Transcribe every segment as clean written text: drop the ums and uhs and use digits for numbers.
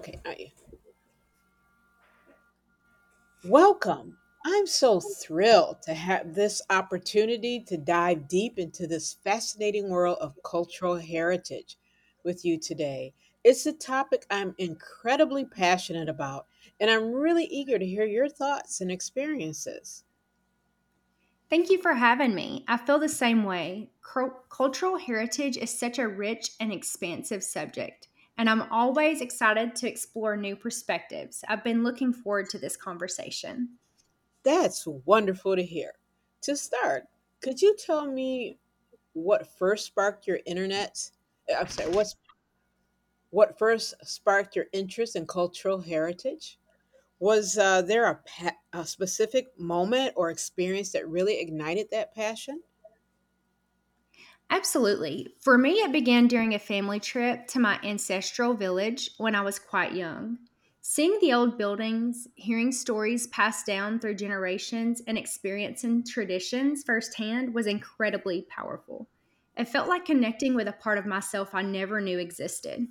Okay, I, welcome. I'm so thrilled to have this opportunity to dive deep into this fascinating world of cultural heritage with you today. It's a topic I'm incredibly passionate about, and I'm really eager to hear your thoughts and experiences. Thank you for having me. I feel the same way. Cultural heritage is such a rich and expansive subject, and I'm always excited to explore new perspectives. I've been looking forward to this conversation. That's wonderful to hear. To start, could you tell me what first sparked your internet? I'm sorry, what's what first sparked your interest in cultural heritage? Was there a, a specific moment or experience that really ignited that passion? Absolutely. For me, it began during a family trip to my ancestral village when I was quite young. Seeing the old buildings, hearing stories passed down through generations, and experiencing traditions firsthand was incredibly powerful. It felt like connecting with a part of myself I never knew existed.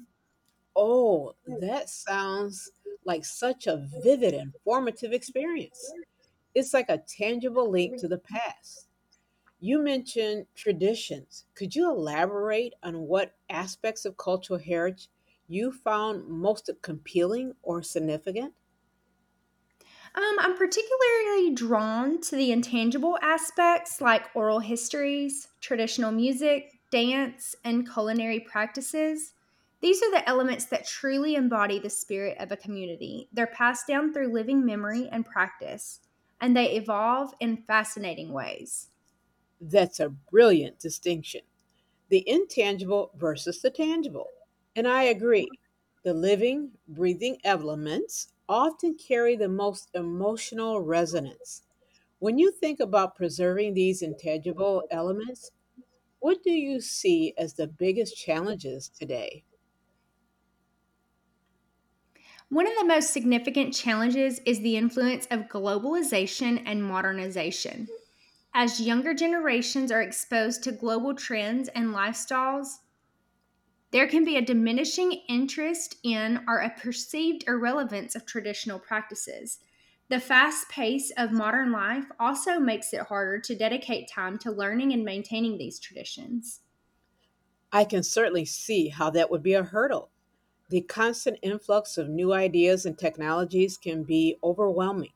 Oh, that sounds like such a vivid and formative experience. It's like a tangible link to the past. You mentioned traditions. Could you elaborate on what aspects of cultural heritage you found most compelling or significant? I'm particularly drawn to the intangible aspects like oral histories, traditional music, dance, and culinary practices. These are the elements that truly embody the spirit of a community. They're passed down through living memory and practice, and they evolve in fascinating ways. That's a brilliant distinction, the intangible versus the tangible. And I agree, the living, breathing elements often carry the most emotional resonance. When you think about preserving these intangible elements, what do you see as the biggest challenges today? One of the most significant challenges is the influence of globalization and modernization. As younger generations are exposed to global trends and lifestyles, there can be a diminishing interest in or a perceived irrelevance of traditional practices. The fast pace of modern life also makes it harder to dedicate time to learning and maintaining these traditions. I can certainly see how that would be a hurdle. The constant influx of new ideas and technologies can be overwhelming.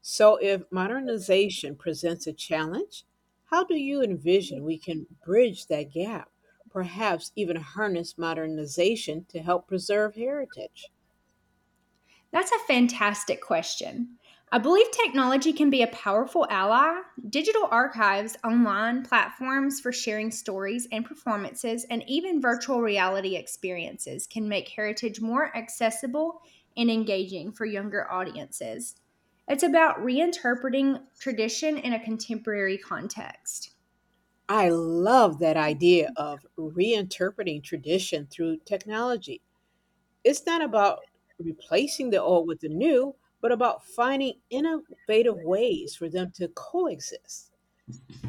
So, if modernization presents a challenge, how do you envision we can bridge that gap? Perhaps even harness modernization to help preserve heritage. That's a fantastic question. I believe technology can be a powerful ally. Digital archives, online platforms for sharing stories and performances, and even virtual reality experiences can make heritage more accessible and engaging for younger audiences. It's about reinterpreting tradition in a contemporary context. I love that idea of reinterpreting tradition through technology. It's not about replacing the old with the new, but about finding innovative ways for them to coexist.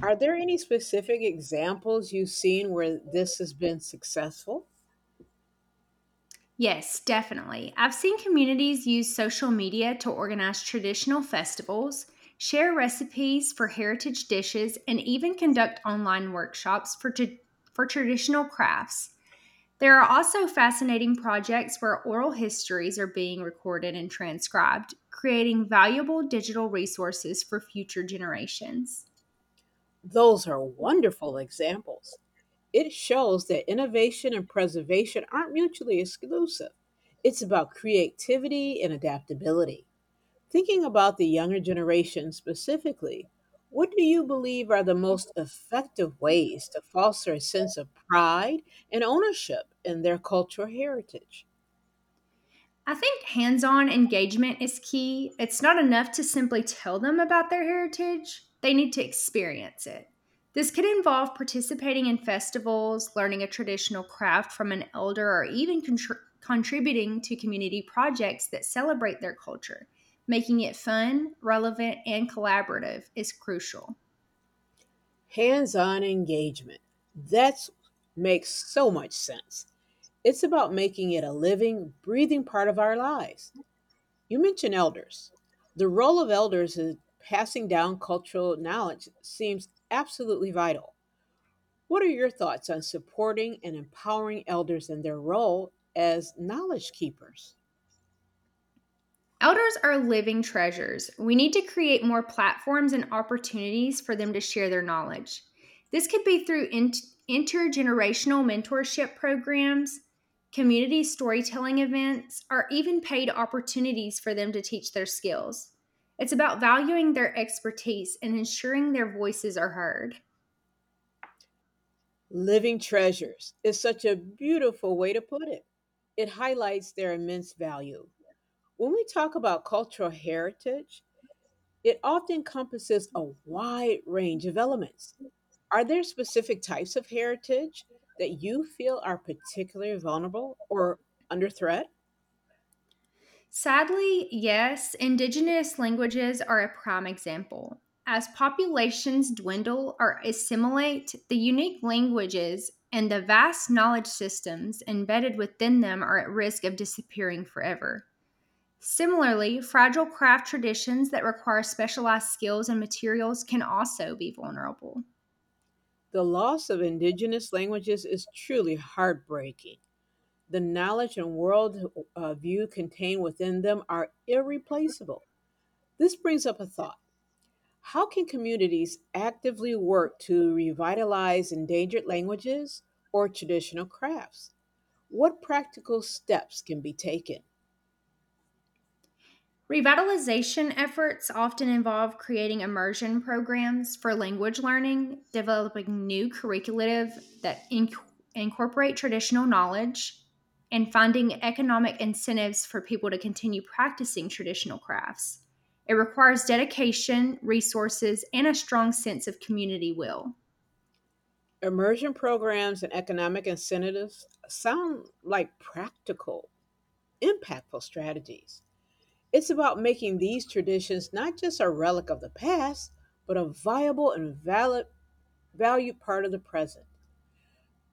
Are there any specific examples you've seen where this has been successful? Yes, definitely. I've seen communities use social media to organize traditional festivals, share recipes for heritage dishes, and even conduct online workshops for traditional crafts. There are also fascinating projects where oral histories are being recorded and transcribed, creating valuable digital resources for future generations. Those are wonderful examples. It shows that innovation and preservation aren't mutually exclusive. It's about creativity and adaptability. Thinking about the younger generation specifically, what do you believe are the most effective ways to foster a sense of pride and ownership in their cultural heritage? I think hands on engagement is key. It's not enough to simply tell them about their heritage, they need to experience it. This could involve participating in festivals, learning a traditional craft from an elder, or even contributing to community projects that celebrate their culture. Making it fun, relevant, and collaborative is crucial. Hands-on engagement. That's Makes so much sense. It's about making it a living, breathing part of our lives. You mentioned elders. The role of elders in passing down cultural knowledge seems absolutely vital. What are your thoughts on supporting and empowering elders in their role as knowledge keepers? Elders are living treasures. We need to create more platforms and opportunities for them to share their knowledge. This could be through intergenerational mentorship programs, community storytelling events, or even paid opportunities for them to teach their skills. It's about valuing their expertise and ensuring their voices are heard. Living treasures is such a beautiful way to put it. It highlights their immense value. When we talk about cultural heritage, it often encompasses a wide range of elements. Are there specific types of heritage that you feel are particularly vulnerable or under threat? Sadly, yes, indigenous languages are a prime example. As populations dwindle or assimilate, the unique languages and the vast knowledge systems embedded within them are at risk of disappearing forever. Similarly, fragile craft traditions that require specialized skills and materials can also be vulnerable. The loss of indigenous languages is truly heartbreaking. The knowledge and world view contained within them are irreplaceable. This brings up a thought. How can communities actively work to revitalize endangered languages or traditional crafts? What practical steps can be taken? Revitalization efforts often involve creating immersion programs for language learning, developing new curricula that incorporate traditional knowledge, and finding economic incentives for people to continue practicing traditional crafts. It requires dedication, resources, and a strong sense of community will. Immersion programs and economic incentives sound like practical, impactful strategies. It's about making these traditions not just a relic of the past, but a viable and valid, valued part of the present.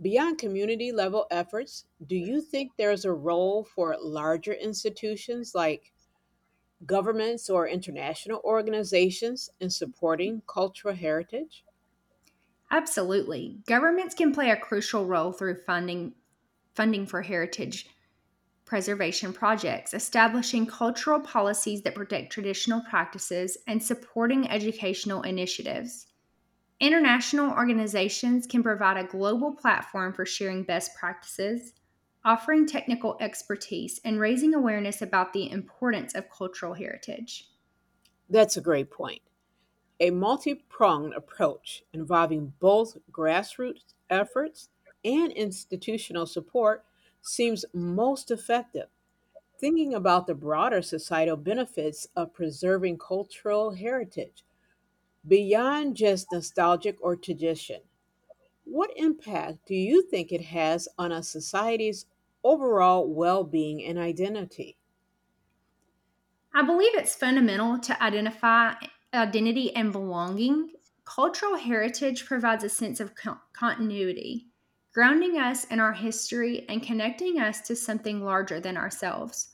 Beyond community level efforts, do you think there is a role for larger institutions like governments or international organizations in supporting cultural heritage? Absolutely. Governments can play a crucial role through funding for heritage preservation projects, establishing cultural policies that protect traditional practices, and supporting educational initiatives. International organizations can provide a global platform for sharing best practices, offering technical expertise, and raising awareness about the importance of cultural heritage. That's a great point. A multi-pronged approach involving both grassroots efforts and institutional support seems most effective, thinking about the broader societal benefits of preserving cultural heritage beyond just nostalgic or tradition. What impact do you think it has on a society's overall well-being and identity? I believe it's fundamental to identify identity and belonging. Cultural heritage provides a sense of continuity, grounding us in our history and connecting us to something larger than ourselves.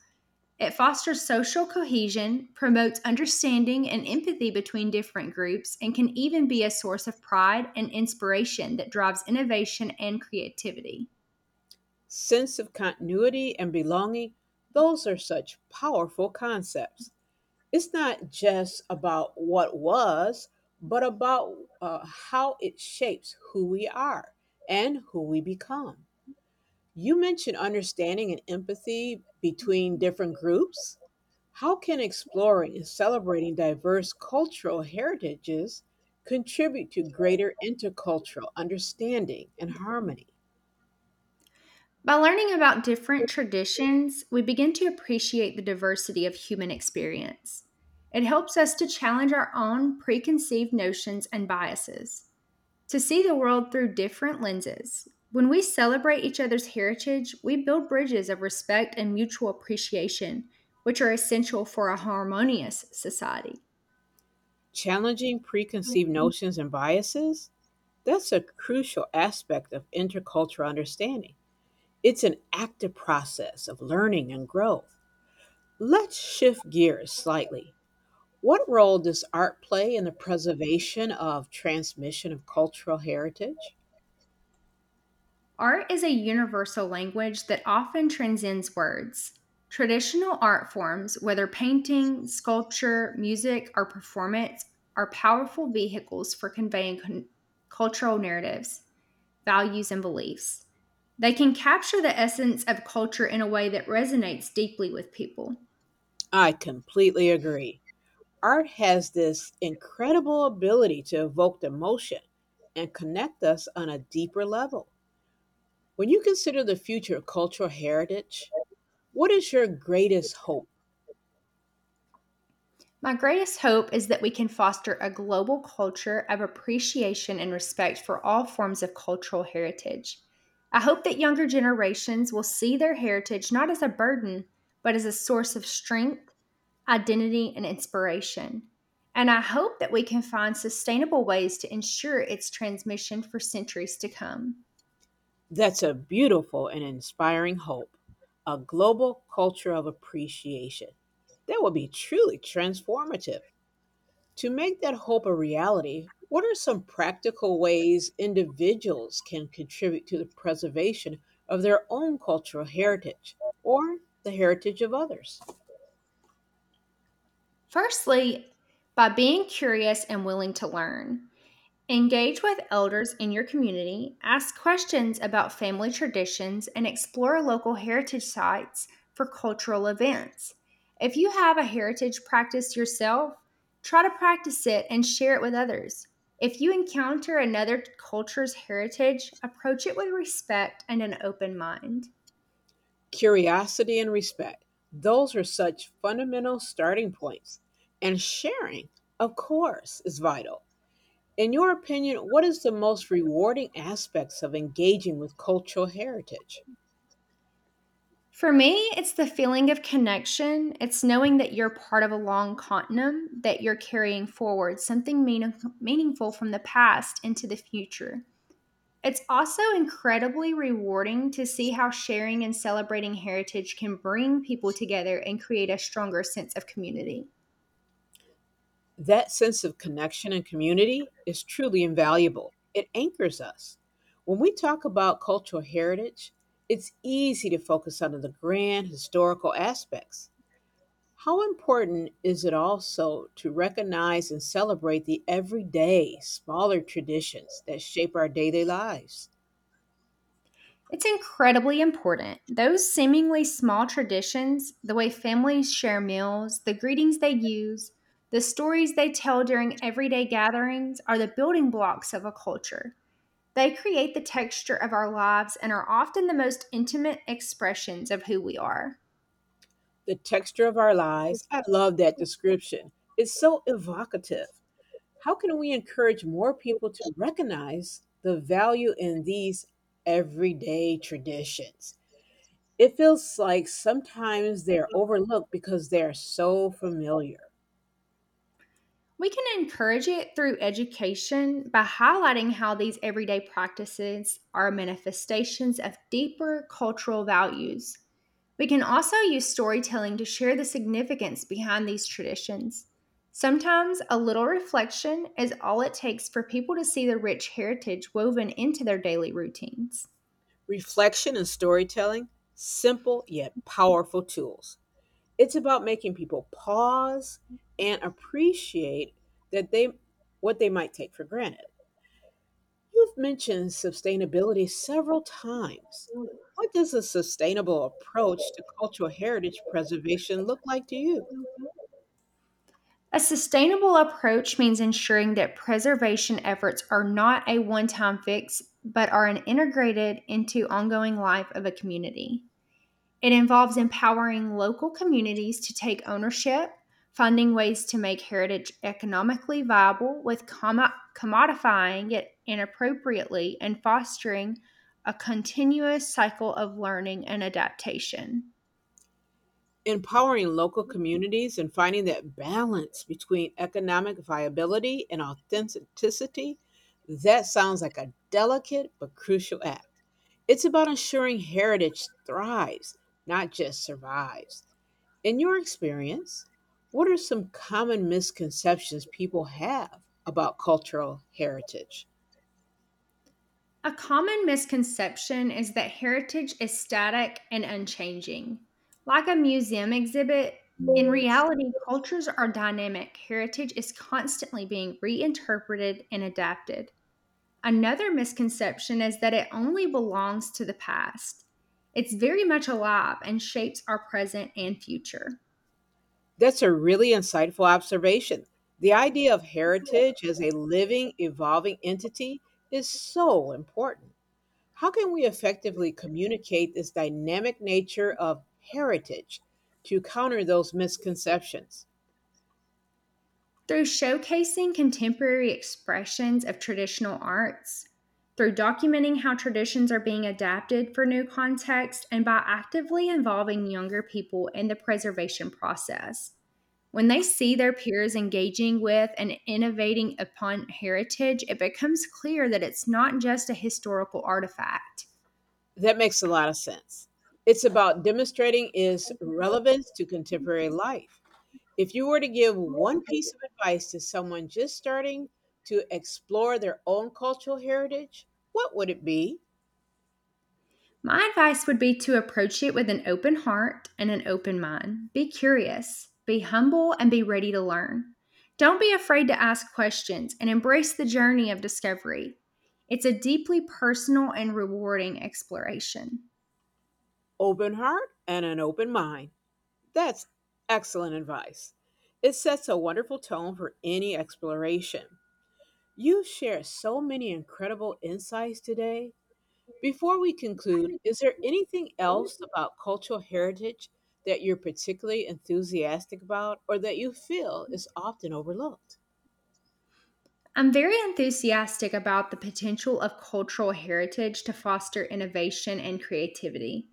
It fosters social cohesion, promotes understanding and empathy between different groups, and can even be a source of pride and inspiration that drives innovation and creativity. Sense of continuity and belonging, those are such powerful concepts. It's not just about what was, but about how it shapes who we are and who we become. You mentioned understanding and empathy between different groups. How can exploring and celebrating diverse cultural heritages contribute to greater intercultural understanding and harmony? By learning about different traditions, we begin to appreciate the diversity of human experience. It helps us to challenge our own preconceived notions and biases, to see the world through different lenses. When we celebrate each other's heritage, we build bridges of respect and mutual appreciation, which are essential for a harmonious society. Challenging preconceived notions and biases? That's a crucial aspect of intercultural understanding. It's an active process of learning and growth. Let's shift gears slightly. What role does art play in the preservation of transmission of cultural heritage? Art is a universal language that often transcends words. Traditional art forms, whether painting, sculpture, music, or performance, are powerful vehicles for conveying cultural narratives, values, and beliefs. They can capture the essence of culture in a way that resonates deeply with people. I completely agree. Art has this incredible ability to evoke emotion and connect us on a deeper level. When you consider the future of cultural heritage, what is your greatest hope? My greatest hope is that we can foster a global culture of appreciation and respect for all forms of cultural heritage. I hope that younger generations will see their heritage not as a burden, but as a source of strength, identity, and inspiration. And I hope that we can find sustainable ways to ensure its transmission for centuries to come. That's a beautiful and inspiring hope, a global culture of appreciation. That would be truly transformative. To make that hope a reality, what are some practical ways individuals can contribute to the preservation of their own cultural heritage or the heritage of others? Firstly, by being curious and willing to learn. Engage with elders in your community, ask questions about family traditions, and explore local heritage sites for cultural events. If you have a heritage practice yourself, try to practice it and share it with others. If you encounter another culture's heritage, approach it with respect and an open mind. Curiosity and respect, those are such fundamental starting points. And sharing, of course, is vital. In your opinion, what is the most rewarding aspects of engaging with cultural heritage? For me, it's the feeling of connection. It's knowing that you're part of a long continuum that you're carrying forward, something meaningful from the past into the future. It's also incredibly rewarding to see how sharing and celebrating heritage can bring people together and create a stronger sense of community. That sense of connection and community is truly invaluable. It anchors us. When we talk about cultural heritage, it's easy to focus on the grand historical aspects. How important is it also to recognize and celebrate the everyday, smaller traditions that shape our daily lives? It's incredibly important. Those seemingly small traditions, the way families share meals, the greetings they use, the stories they tell during everyday gatherings are the building blocks of a culture. They create the texture of our lives and are often the most intimate expressions of who we are. The texture of our lives. I love that description. It's so evocative. How can we encourage more people to recognize the value in these everyday traditions? It feels like sometimes they're overlooked because they're so familiar. We can encourage it through education by highlighting how these everyday practices are manifestations of deeper cultural values. We can also use storytelling to share the significance behind these traditions. Sometimes a little reflection is all it takes for people to see the rich heritage woven into their daily routines. Reflection and storytelling, simple yet powerful tools. It's about making people pause and appreciate that they what they might take for granted. You've mentioned sustainability several times. What does a sustainable approach to cultural heritage preservation look like to you? A sustainable approach means ensuring that preservation efforts are not a one time fix, but are integrated into ongoing life of a community. It involves empowering local communities to take ownership, finding ways to make heritage economically viable with commodifying it inappropriately, and fostering a continuous cycle of learning and adaptation. Empowering local communities and finding that balance between economic viability and authenticity, that sounds like a delicate but crucial act. It's about ensuring heritage thrives, not just survives. In your experience, what are some common misconceptions people have about cultural heritage? A common misconception is that heritage is static and unchanging. Like a museum exhibit, in reality, cultures are dynamic. Heritage is constantly being reinterpreted and adapted. Another misconception is that it only belongs to the past. It's very much alive and shapes our present and future. That's a really insightful observation. The idea of heritage as a living, evolving entity is so important. How can we effectively communicate this dynamic nature of heritage to counter those misconceptions? Through showcasing contemporary expressions of traditional arts, through documenting how traditions are being adapted for new contexts, and by actively involving younger people in the preservation process. When they see their peers engaging with and innovating upon heritage, it becomes clear that it's not just a historical artifact. That makes a lot of sense. It's about demonstrating its relevance to contemporary life. If you were to give one piece of advice to someone just starting to explore their own cultural heritage, what would it be? My advice would be to approach it with an open heart and an open mind. Be curious, be humble, and be ready to learn. Don't be afraid to ask questions and embrace the journey of discovery. It's a deeply personal and rewarding exploration. Open heart and an open mind. That's excellent advice. It sets a wonderful tone for any exploration. You share so many incredible insights today. Before we conclude, is there anything else about cultural heritage that you're particularly enthusiastic about or that you feel is often overlooked? I'm very enthusiastic about the potential of cultural heritage to foster innovation and creativity.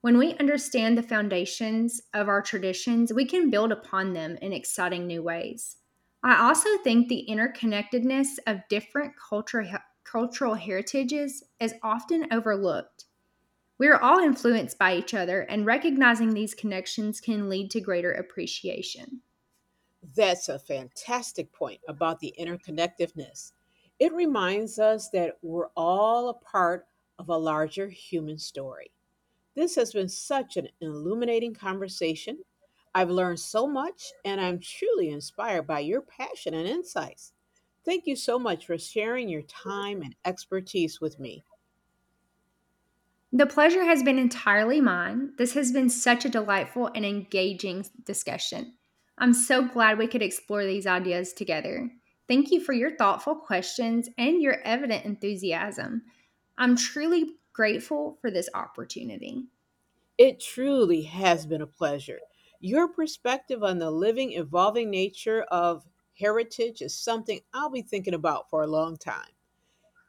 When we understand the foundations of our traditions, we can build upon them in exciting new ways. I also think the interconnectedness of cultural heritages is often overlooked. We are all influenced by each other, and recognizing these connections can lead to greater appreciation. That's a fantastic point about the interconnectedness. It reminds us that we're all a part of a larger human story. This has been such an illuminating conversation. I've learned so much, and I'm truly inspired by your passion and insights. Thank you so much for sharing your time and expertise with me. The pleasure has been entirely mine. This has been such a delightful and engaging discussion. I'm so glad we could explore these ideas together. Thank you for your thoughtful questions and your evident enthusiasm. I'm truly grateful for this opportunity. It truly has been a pleasure. Your perspective on the living, evolving nature of heritage is something I'll be thinking about for a long time.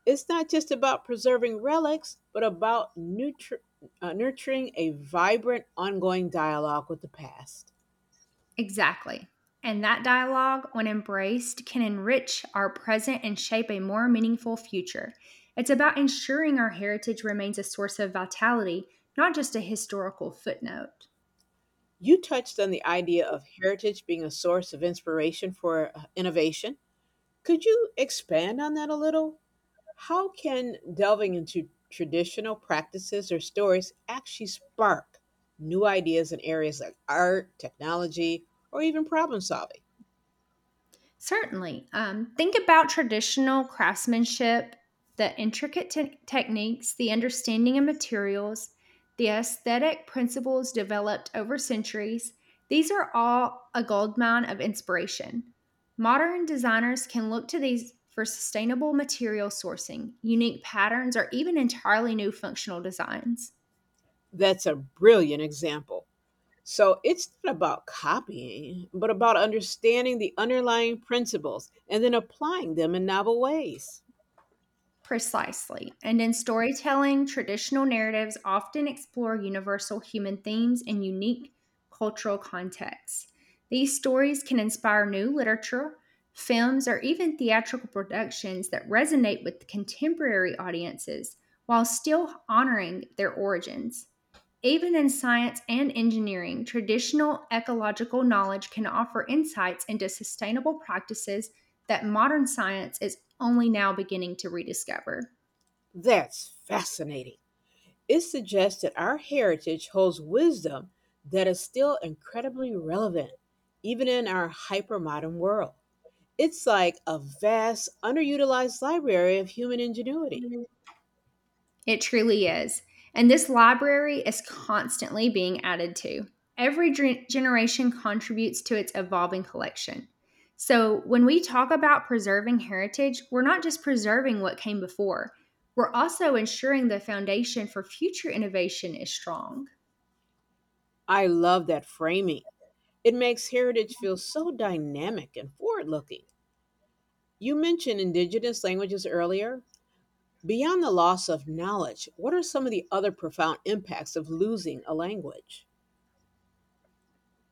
It's not just about preserving relics, but about nurturing a vibrant, ongoing dialogue with the past. Exactly. And that dialogue, when embraced, can enrich our present and shape a more meaningful future. It's about ensuring our heritage remains a source of vitality, not just a historical footnote. You touched on the idea of heritage being a source of inspiration for innovation. Could you expand on that a little? How can delving into traditional practices or stories actually spark new ideas in areas like art, technology, or even problem solving? Certainly. Think about traditional craftsmanship, the intricate techniques, the understanding of materials, the aesthetic principles developed over centuries. These are all a goldmine of inspiration. Modern designers can look to these for sustainable material sourcing, unique patterns, or even entirely new functional designs. That's a brilliant example. So it's not about copying, but about understanding the underlying principles and then applying them in novel ways. Precisely. And in storytelling, traditional narratives often explore universal human themes in unique cultural contexts. These stories can inspire new literature, films, or even theatrical productions that resonate with contemporary audiences while still honoring their origins. Even in science and engineering, traditional ecological knowledge can offer insights into sustainable practices that modern science is only now beginning to rediscover. That's fascinating. It suggests that our heritage holds wisdom that is still incredibly relevant, even in our hypermodern world. It's like a vast, underutilized library of human ingenuity. It truly is. And this library is constantly being added to. Every generation contributes to its evolving collection. So, when we talk about preserving heritage, we're not just preserving what came before, we're also ensuring the foundation for future innovation is strong. I love that framing. It makes heritage feel so dynamic and forward looking. You mentioned indigenous languages earlier. Beyond the loss of knowledge, what are some of the other profound impacts of losing a language?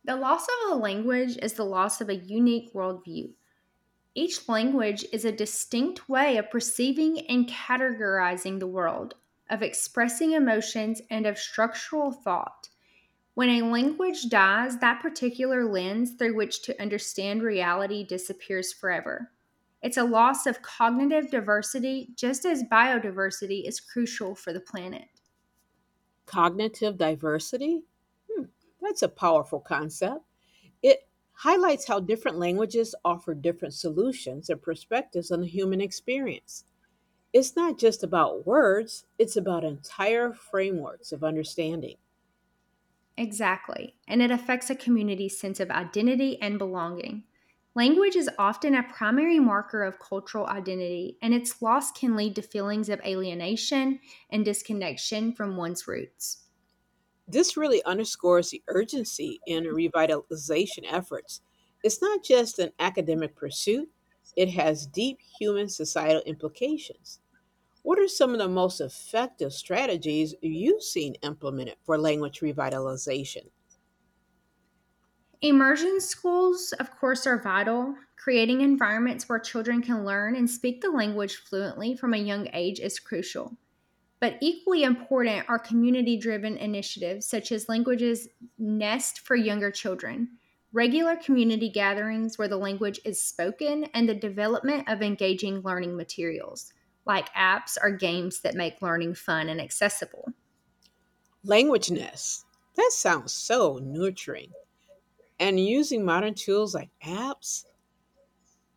The loss of a language is the loss of a unique worldview. Each language is a distinct way of perceiving and categorizing the world, of expressing emotions, and of structural thought. When a language dies, that particular lens through which to understand reality disappears forever. It's a loss of cognitive diversity, just as biodiversity is crucial for the planet. Cognitive diversity? That's a powerful concept. It highlights how different languages offer different solutions and perspectives on the human experience. It's not just about words, it's about entire frameworks of understanding. Exactly, and it affects a community's sense of identity and belonging. Language is often a primary marker of cultural identity, and its loss can lead to feelings of alienation and disconnection from one's roots. This really underscores the urgency in revitalization efforts. It's not just an academic pursuit, it has deep human societal implications. What are some of the most effective strategies you've seen implemented for language revitalization? Immersion schools, of course, are vital. Creating environments where children can learn and speak the language fluently from a young age is crucial. But equally important are community driven initiatives such as Languages Nest for younger children, regular community gatherings where the language is spoken, and the development of engaging learning materials like apps or games that make learning fun and accessible. Language nests. That sounds so nurturing. And using modern tools like apps,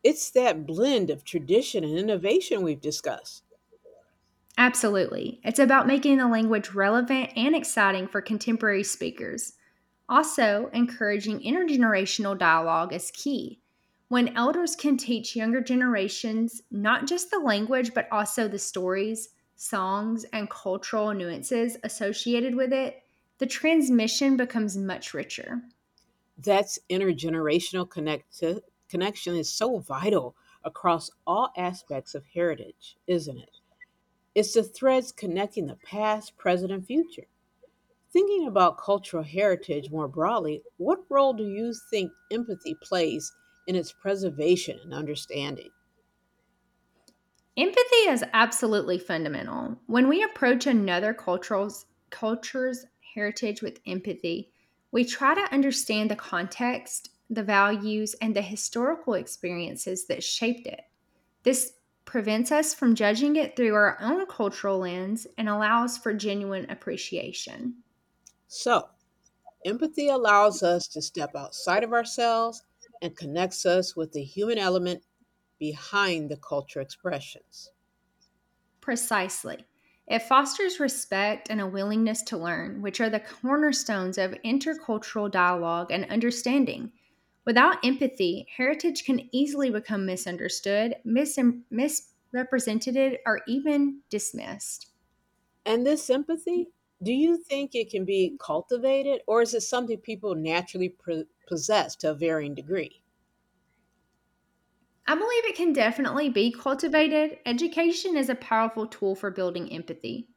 it's that blend of tradition and innovation we've discussed. Absolutely. It's about making the language relevant and exciting for contemporary speakers. Also, encouraging intergenerational dialogue is key. When elders can teach younger generations not just the language, but also the stories, songs, and cultural nuances associated with it, the transmission becomes much richer. That's Intergenerational connection is so vital across all aspects of heritage, isn't it? It's the threads connecting the past, present, and future. Thinking about cultural heritage more broadly, what role do you think empathy plays in its preservation and understanding? Empathy is absolutely fundamental. When we approach another cultural's culture's heritage with empathy, we try to understand the context, the values, and the historical experiences that shaped it. This prevents us from judging it through our own cultural lens and allows for genuine appreciation. So, empathy allows us to step outside of ourselves and connects us with the human element behind the culture expressions. Precisely. It fosters respect and a willingness to learn, which are the cornerstones of intercultural dialogue and understanding. Without empathy, heritage can easily become misunderstood, misrepresented, or even dismissed. And this empathy, do you think it can be cultivated or is it something people naturally possess to a varying degree? I believe it can definitely be cultivated. Education is a powerful tool for building empathy.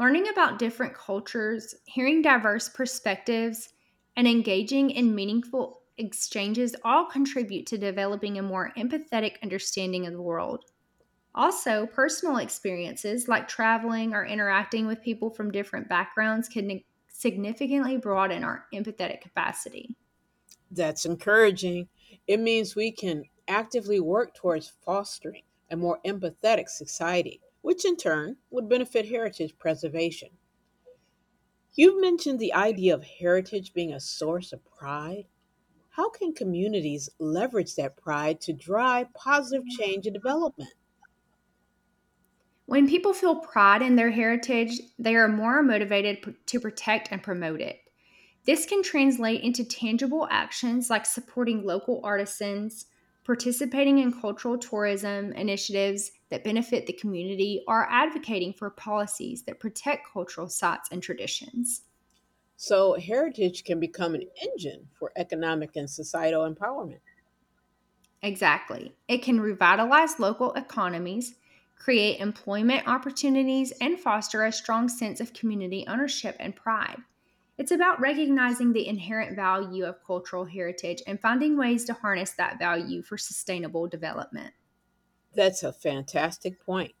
Learning about different cultures, hearing diverse perspectives, and engaging in meaningful exchanges all contribute to developing a more empathetic understanding of the world. Also, personal experiences like traveling or interacting with people from different backgrounds can significantly broaden our empathetic capacity. That's encouraging. It means we can actively work towards fostering a more empathetic society, which in turn would benefit heritage preservation. You've mentioned the idea of heritage being a source of pride. How can communities leverage that pride to drive positive change and development? When people feel pride in their heritage, they are more motivated to protect and promote it. This can translate into tangible actions like supporting local artisans, participating in cultural tourism initiatives that benefit the community, or advocating for policies that protect cultural sites and traditions. So heritage can become an engine for economic and societal empowerment. Exactly. It can revitalize local economies, create employment opportunities, and foster a strong sense of community ownership and pride. It's about recognizing the inherent value of cultural heritage and finding ways to harness that value for sustainable development. That's a fantastic point.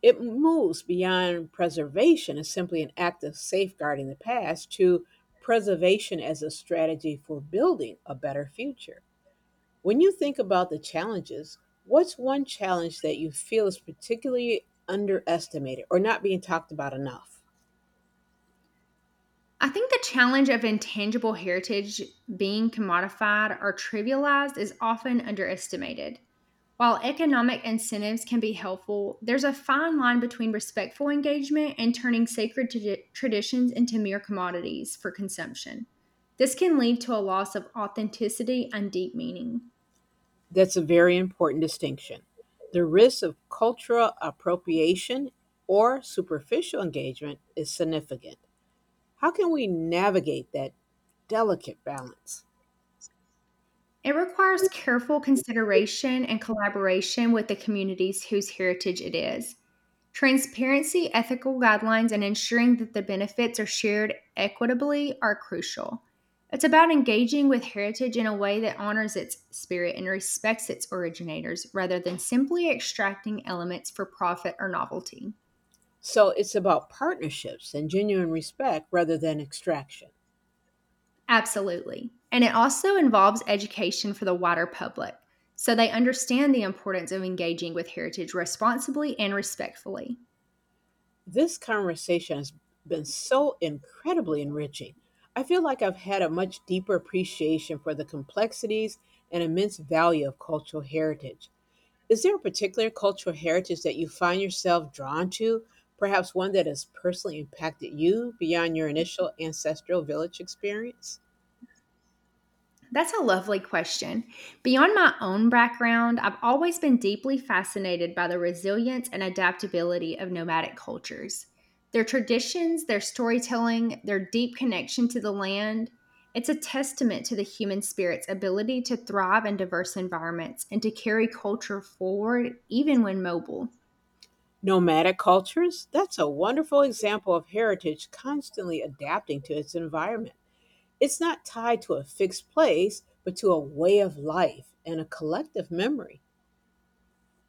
It moves beyond preservation as simply an act of safeguarding the past to preservation as a strategy for building a better future. When you think about the challenges, what's one challenge that you feel is particularly underestimated or not being talked about enough? I think the challenge of intangible heritage being commodified or trivialized is often underestimated. While economic incentives can be helpful, there's a fine line between respectful engagement and turning sacred traditions into mere commodities for consumption. This can lead to a loss of authenticity and deep meaning. That's a very important distinction. The risk of cultural appropriation or superficial engagement is significant. How can we navigate that delicate balance? It requires careful consideration and collaboration with the communities whose heritage it is. Transparency, ethical guidelines, and ensuring that the benefits are shared equitably are crucial. It's about engaging with heritage in a way that honors its spirit and respects its originators rather than simply extracting elements for profit or novelty. So it's about partnerships and genuine respect rather than extraction. Absolutely. And it also involves education for the wider public so they understand the importance of engaging with heritage responsibly and respectfully. This conversation has been so incredibly enriching. I feel like I've had a much deeper appreciation for the complexities and immense value of cultural heritage. Is there a particular cultural heritage that you find yourself drawn to, perhaps one that has personally impacted you beyond your initial ancestral village experience? That's a lovely question. Beyond my own background, I've always been deeply fascinated by the resilience and adaptability of nomadic cultures. Their traditions, their storytelling, their deep connection to the land, it's a testament to the human spirit's ability to thrive in diverse environments and to carry culture forward even when mobile. Nomadic cultures? That's a wonderful example of heritage constantly adapting to its environment. It's not tied to a fixed place, but to a way of life and a collective memory.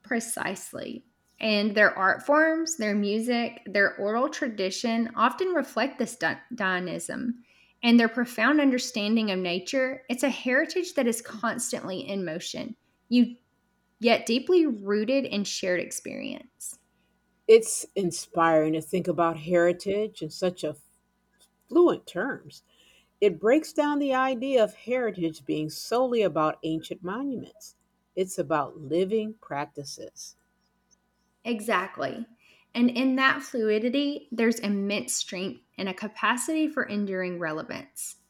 Precisely. And their art forms, their music, their oral tradition often reflect this Dionism. And their profound understanding of nature, it's a heritage that is constantly in motion, you, yet deeply rooted in shared experience. It's inspiring to think about heritage in such a fluent terms. It breaks down the idea of heritage being solely about ancient monuments. It's about living practices. Exactly. And in that fluidity, there's immense strength and a capacity for enduring relevance.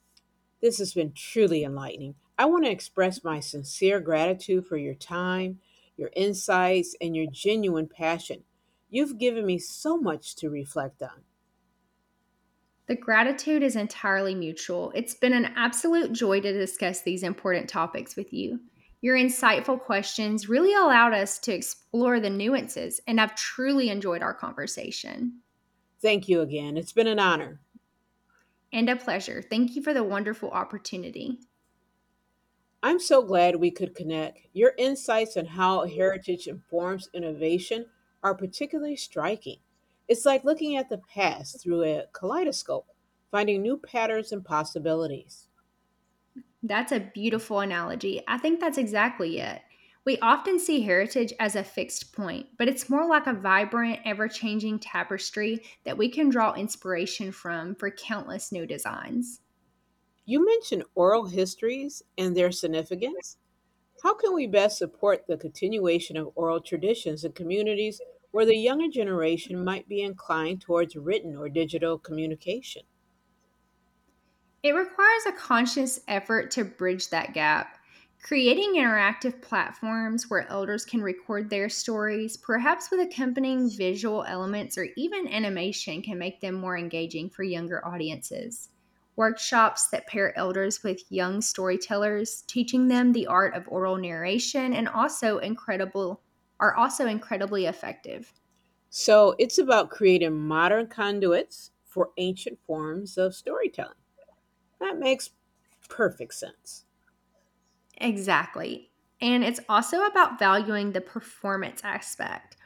This has been truly enlightening. I want to express my sincere gratitude for your time, your insights, and your genuine passion. You've given me so much to reflect on. The gratitude is entirely mutual. It's been an absolute joy to discuss these important topics with you. Your insightful questions really allowed us to explore the nuances, and I've truly enjoyed our conversation. Thank you again. It's been an honor. And a pleasure. Thank you for the wonderful opportunity. I'm so glad we could connect. Your insights on how heritage informs innovation are particularly striking. It's like looking at the past through a kaleidoscope, finding new patterns and possibilities. That's a beautiful analogy. I think that's exactly it. We often see heritage as a fixed point, but it's more like a vibrant, ever changing tapestry that we can draw inspiration from for countless new designs. You mentioned oral histories and their significance. How can we best support the continuation of oral traditions in communities where the younger generation might be inclined towards written or digital communication? It requires a conscious effort to bridge that gap. Creating interactive platforms where elders can record their stories, perhaps with accompanying visual elements or even animation, can make them more engaging for younger audiences. Workshops that pair elders with young storytellers, teaching them the art of oral narration, and also incredible are also incredibly effective. So it's about creating modern conduits for ancient forms of storytelling. That makes perfect sense. Exactly. And it's also about valuing the performance aspect.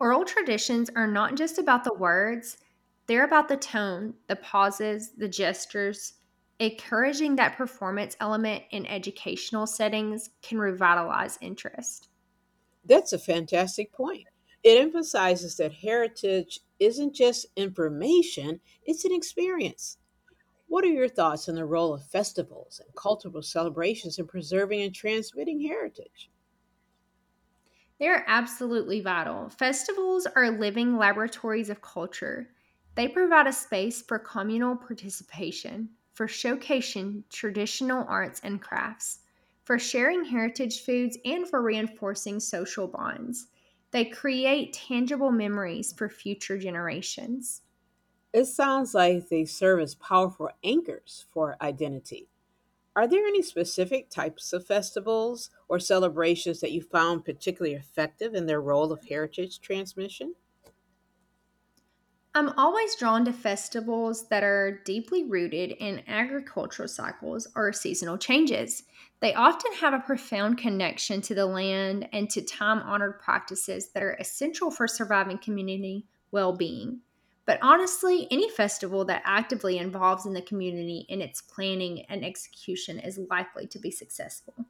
Oral traditions are not just about the words, they're about the tone, the pauses, the gestures. Encouraging that performance element in educational settings can revitalize interest. That's a fantastic point. It emphasizes that heritage isn't just information, it's an experience. What are your thoughts on the role of festivals and cultural celebrations in preserving and transmitting heritage? They're absolutely vital. Festivals are living laboratories of culture. They provide a space for communal participation, for showcasing traditional arts and crafts, for sharing heritage foods, and for reinforcing social bonds. They create tangible memories for future generations. It sounds like they serve as powerful anchors for identity. Are there any specific types of festivals or celebrations that you found particularly effective in their role of heritage transmission? I'm always drawn to festivals that are deeply rooted in agricultural cycles or seasonal changes. They often have a profound connection to the land and to time honored practices that are essential for surviving community well being. But honestly, any festival that actively involves in the community in its planning and execution is likely to be successful.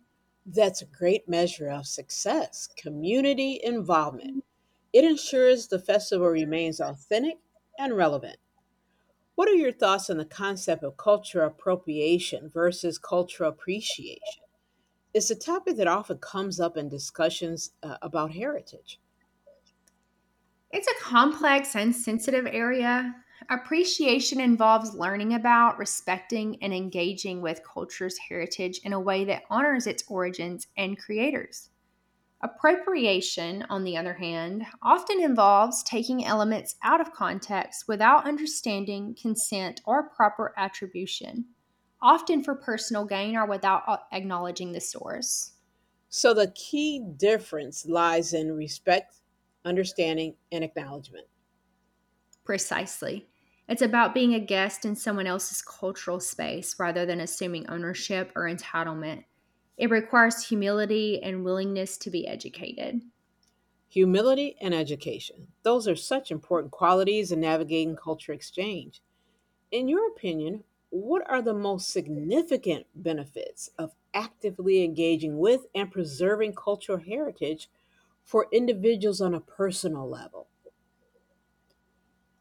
That's a great measure of success community involvement. It ensures the festival remains authentic and relevant. What are your thoughts on the concept of cultural appropriation versus cultural appreciation? It's a topic that often comes up in discussions about heritage. It's a complex and sensitive area. Appreciation involves learning about, respecting, and engaging with culture's heritage in a way that honors its origins and creators. Appropriation, on the other hand, often involves taking elements out of context without understanding, consent, or proper attribution, often for personal gain or without acknowledging the source. So the key difference lies in respect, understanding, and acknowledgement. Precisely. It's about being a guest in someone else's cultural space rather than assuming ownership or entitlement. It requires humility and willingness to be educated. Humility and education. Those are such important qualities in navigating culture exchange. In your opinion, what are the most significant benefits of actively engaging with and preserving cultural heritage for individuals on a personal level?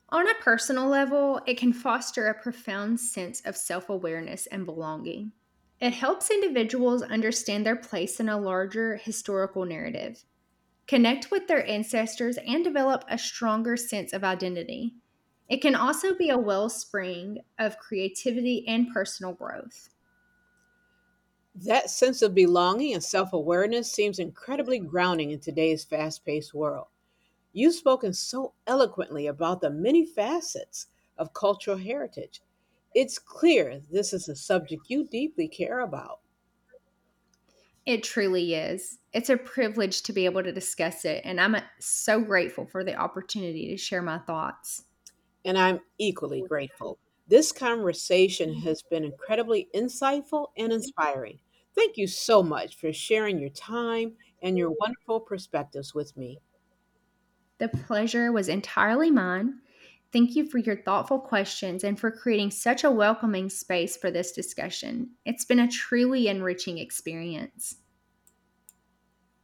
On a personal level, it can foster a profound sense of self awareness and belonging. It helps individuals understand their place in a larger historical narrative. Connect with their ancestors, and develop a stronger sense of identity. It can also be a wellspring of creativity and personal growth. That sense of belonging and self awareness seems incredibly grounding in today's fast paced world. You've spoken so eloquently about the many facets of cultural heritage. It's clear this is a subject you deeply care about, It truly is. It's a privilege to be able to discuss it, and I'm so grateful for the opportunity to share my thoughts. and I'm equally grateful. This conversation has been incredibly insightful and inspiring. Thank you so much for sharing your time and your wonderful perspectives with me. The pleasure was entirely mine. Thank you for your thoughtful questions and for creating such a welcoming space for this discussion. It's been a truly enriching experience.